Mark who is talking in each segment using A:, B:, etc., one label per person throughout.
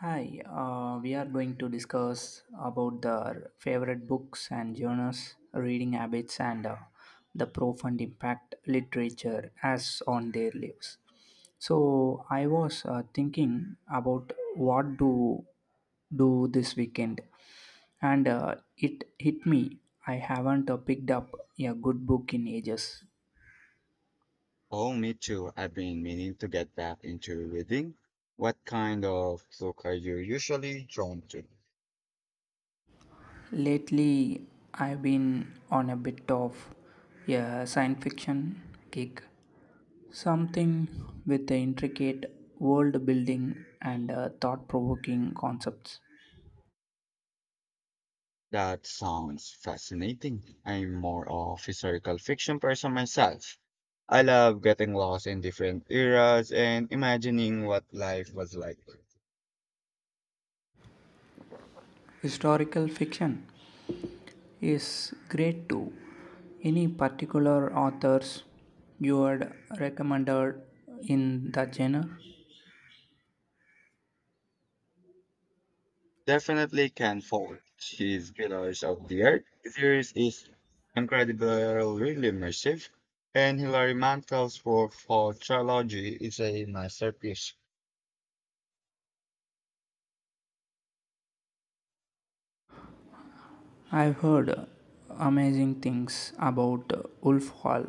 A: Hi, we are going to discuss about the favorite books and genres, reading habits, and the profound impact literature has on their lives. So I was thinking about what to do this weekend, and it hit me. I haven't picked up a good book in ages.
B: Oh, me too. I've been meaning to get back into reading. What kind of book are you usually drawn to?
A: Lately, I've been on a bit of a science fiction kick. Something with the intricate world building and thought provoking concepts.
B: That sounds fascinating. I'm more of historical fiction person myself. I love getting lost in different eras and imagining what life was like.
A: Historical fiction is great too. Any particular authors you had recommended in that genre?
B: Definitely can forward his pillars of the earth. The series is incredible, really immersive, and Hilary Mantel's work for trilogy is a masterpiece.
A: I've heard amazing things about Wolf Hall,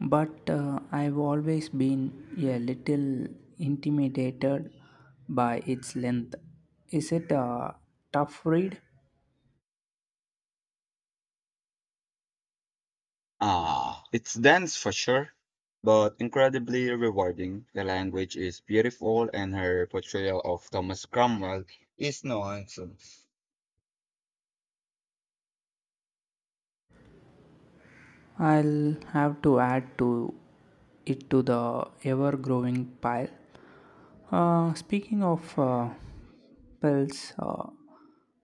A: but I've always been a little intimidated by its length. Is it a tough read?
B: Ah, it's dense for sure, but incredibly rewarding. The language is beautiful, and her portrayal of Thomas Cromwell is no nonsense.
A: I'll have to add to it to the ever growing pile. Speaking of pills,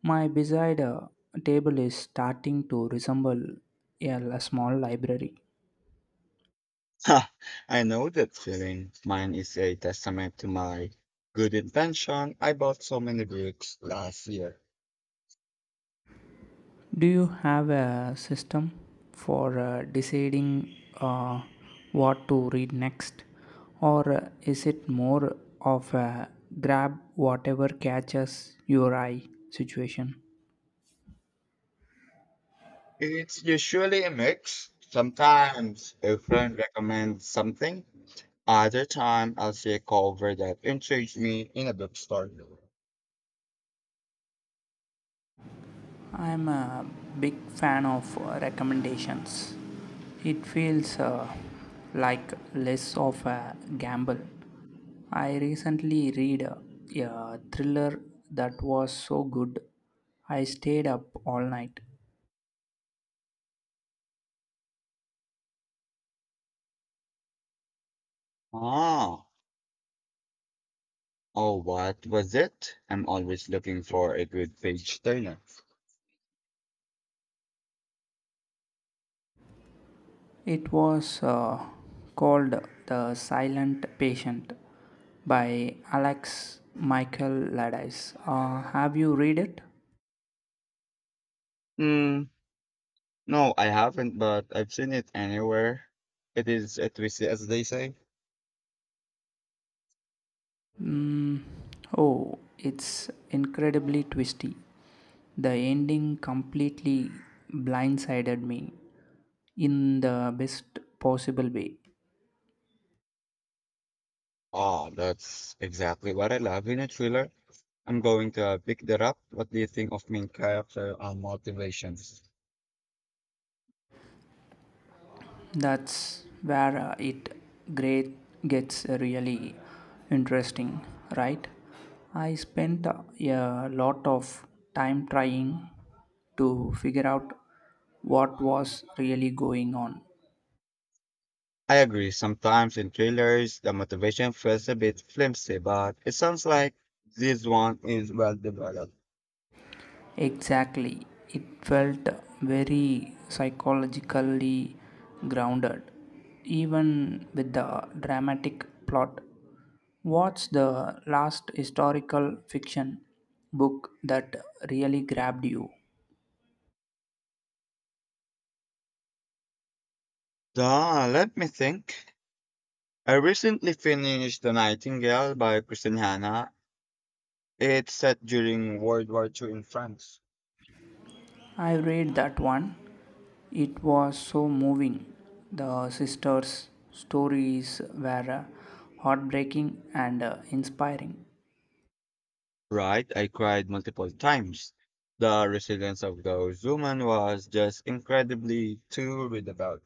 A: my beside table is starting to resemble a a small library.
B: Ha! I know that feeling. Mine is a testament to my good intention. I bought so many books last year.
A: Do you have a system for deciding uh, what to read next, or is it more of a grab whatever catches your eye situation?
B: It's usually a mix. Sometimes a friend recommends something, other time I'll see a cover that intrigues me in a bookstore.
A: I'm a big fan of recommendations. It feels like less of a gamble. I recently read a thriller that was so good, I stayed up all night.
B: Ah, oh, what was it? I'm always looking for a good page turner.
A: It was called The Silent Patient by Alex Michael Laddice. Have you read it?
B: Hmm, no, I haven't, but I've seen it anywhere. It is a twist, as they say.
A: Mm, oh, it's incredibly twisty. The ending completely blindsided me in the best possible way.
B: Oh, that's exactly what I love in a thriller. I'm going to pick that up. What do you think of main character or motivations?
A: That's where it great gets really interesting, right? I spent a lot of time trying to figure out what was really going on.
B: I agree. Sometimes in thrillers, the motivation feels a bit flimsy, but it sounds like this one is well developed.
A: Exactly. It felt very psychologically grounded, even with the dramatic plot. What's the last historical fiction book that really grabbed you?
B: Let me think. I recently finished The Nightingale by Kristen Hanna. It's set during World War II in France.
A: I read that one. It was so moving. The sisters' stories were heartbreaking and inspiring.
B: Right, I cried multiple times. The resilience of those women was just incredibly to read about.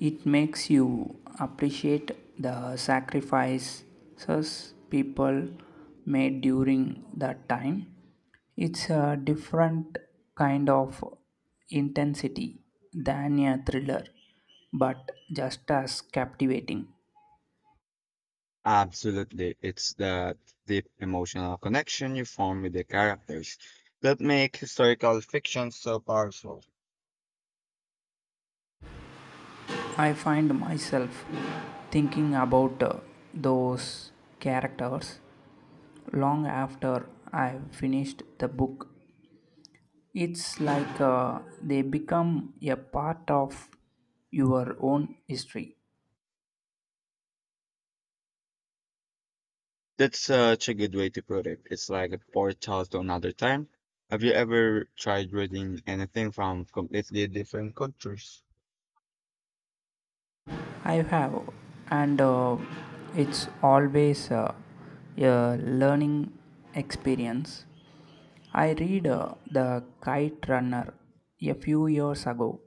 A: It makes you appreciate the sacrifices people made during that time. It's a different kind of intensity than a thriller, but just as captivating.
B: Absolutely, it's the deep emotional connection you form with the characters that make historical fiction so powerful.
A: I find myself thinking about those characters long after I've finished the book. It's like they become a part of your own history.
B: That's such a good way to put it. It's like a portal to another time. Have you ever tried reading anything from completely different cultures?
A: I have, and it's always a learning experience. I read The Kite Runner a few years ago,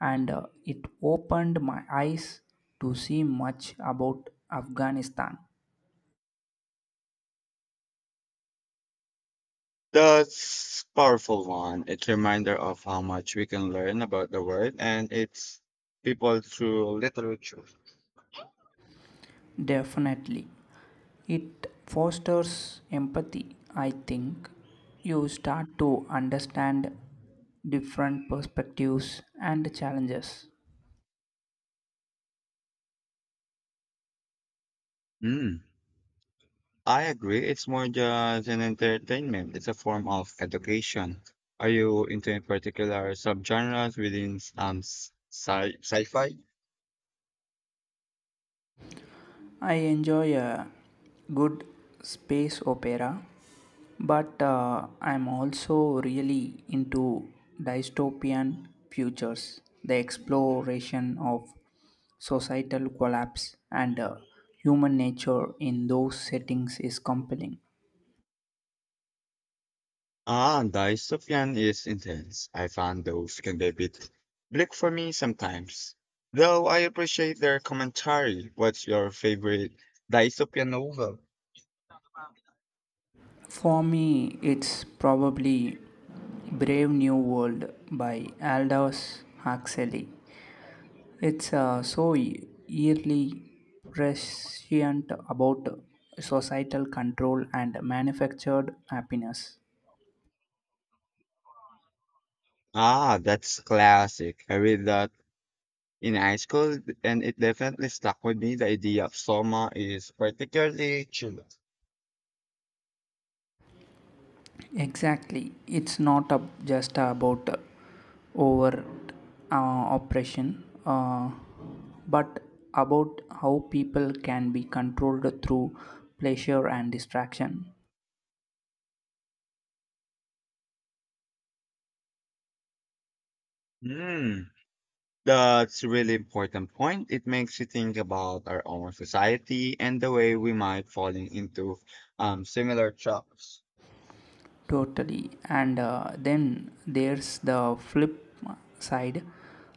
A: and it opened my eyes to see much about Afghanistan.
B: That's powerful one. It's a reminder of how much we can learn about the world and its people through literature.
A: Definitely. It fosters empathy, I think. You start to understand different perspectives and challenges.
B: Mm, I agree. It's more just an entertainment. It's a form of education. Are you into any particular subgenres within sci-fi?
A: I enjoy a good space opera, but I'm also really into dystopian futures. The exploration of societal collapse and human nature in those settings is compelling.
B: Ah, the dystopian is intense. I find those can be a bit bleak for me sometimes. Though I appreciate their commentary. What's your favorite dystopian novel?
A: For me, it's probably Brave New World by Aldous Huxley. It's so eerily prescient about societal control and manufactured happiness.
B: Ah, that's classic. I read that in high school and it definitely stuck with me. The idea of Soma is particularly chilling.
A: Exactly, it's not a, just about overt oppression, but about how people can be controlled through pleasure and distraction.
B: Hmm, that's a really important point. It makes you think about our own society and the way we might falling into similar traps.
A: Totally, and then there's the flip side,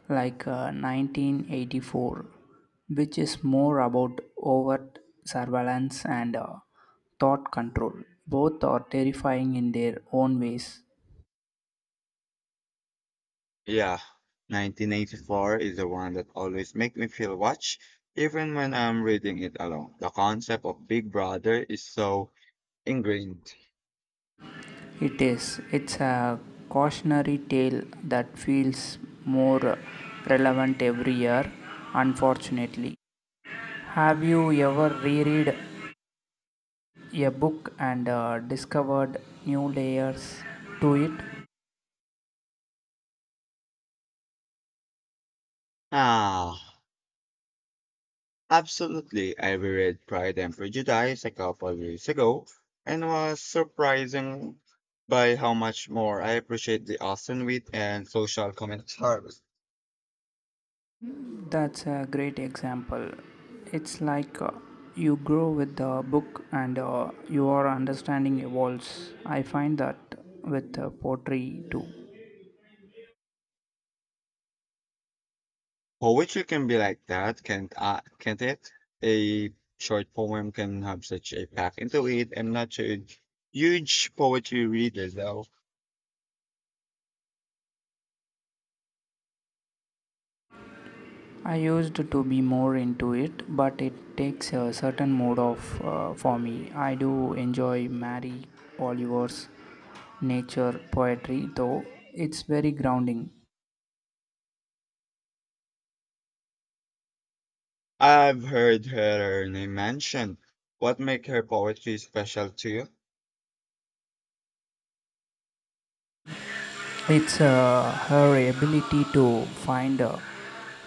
A: like 1984, which is more about overt surveillance and thought control. Both are terrifying in their own ways.
B: Yeah, 1984 is the one that always make me feel watched, even when I'm reading it alone. The concept of Big Brother is so ingrained.
A: It is. It's a cautionary tale that feels more relevant every year, unfortunately. Have you ever reread a book and discovered new layers to it?
B: Ah, absolutely. I reread Pride and Prejudice a couple of years ago and was surprising by how much more I appreciate the Austen wit and social commentary.
A: That's a great example. It's like you grow with the book and your understanding evolves. I find that with poetry too.
B: Poetry can be like that, can't it? A short poem can have such a pack into it. I'm not a huge poetry reader though.
A: I used to be more into it, but it takes a certain mode of for me. I do enjoy Mary Oliver's nature poetry, though it's very grounding.
B: I've heard her name mentioned. What make her poetry special to you?
A: It's her ability to find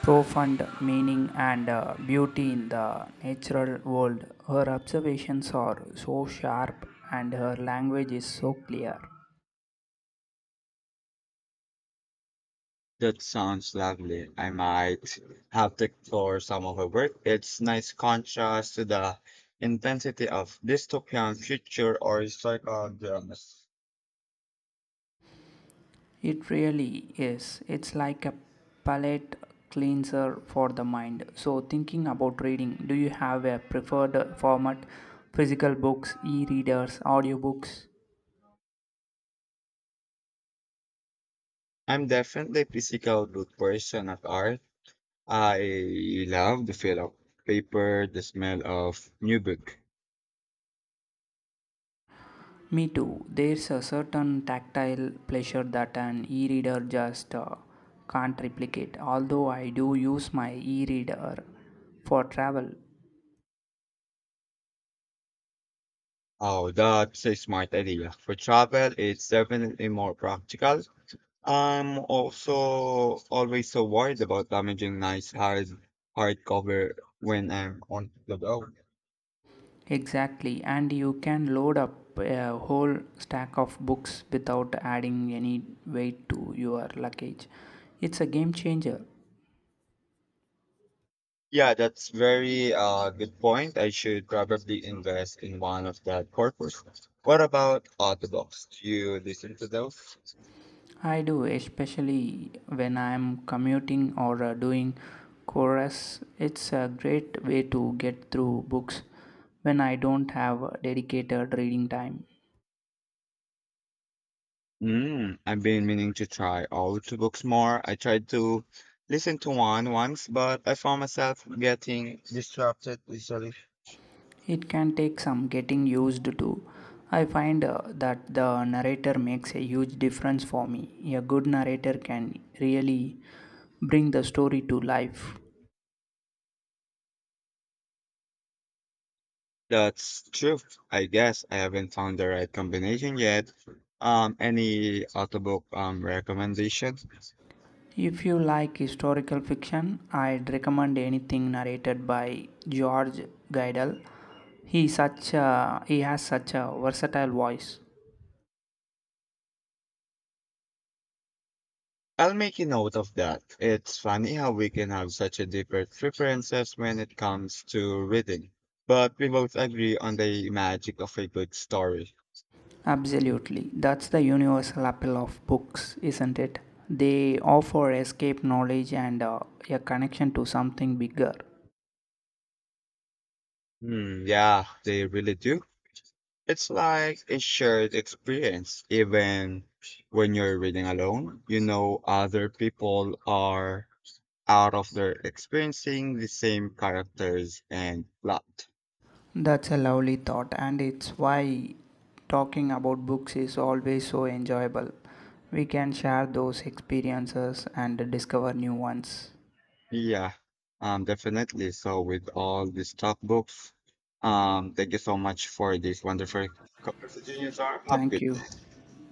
A: profound meaning and beauty in the natural world. Her observations are so sharp and her language is so clear.
B: That sounds lovely. I might have to explore some of her work. It's nice contrast to the intensity of dystopian future or psychodramas.
A: It really is. It's like a palate cleanser for the mind. So, thinking about reading, do you have a preferred format? Physical books, e readers, audiobooks?
B: I'm definitely a physical good person at art. I love the feel of paper, the smell of new book.
A: Me too. There's a certain tactile pleasure that an e reader just can't replicate, although I do use my e reader for travel.
B: Oh, that's a smart idea. For travel, it's definitely more practical. I'm also always so worried about damaging nice hardcover when I'm on the go.
A: Exactly, and you can load up a whole stack of books without adding any weight to your luggage. It's a game changer.
B: Yeah, that's very good point. I should probably invest in one of that corpus. What about audiobooks? Do you listen to those?
A: I do, especially when I'm commuting or doing chores. It's a great way to get through books when I don't have dedicated reading time.
B: Mm, I've been meaning to try out books more. I tried to listen to one once, but I found myself getting distracted easily.
A: It can take some getting used to. I find that the narrator makes a huge difference for me. A good narrator can really bring the story to life.
B: That's true. I guess I haven't found the right combination yet. Any audiobook recommendations?
A: If you like historical fiction, I'd recommend anything narrated by George Guidel. He has such a versatile voice.
B: I'll make a note of that. It's funny how we can have such a different preferences when it comes to reading, but we both agree on the magic of a good story.
A: Absolutely. That's the universal appeal of books, isn't it? They offer escape, knowledge, and a connection to something bigger.
B: Hmm, yeah, they really do. It's like a shared experience. Even when you're reading alone, you know other people are out of their experiencing the same characters and plot.
A: That's a lovely thought, and it's why talking about books is always so enjoyable. We can share those experiences and discover new ones.
B: Yeah, definitely. So with all these top books, thank you so much for this wonderful conversation. Have a
A: Thank
B: good
A: you.
B: day.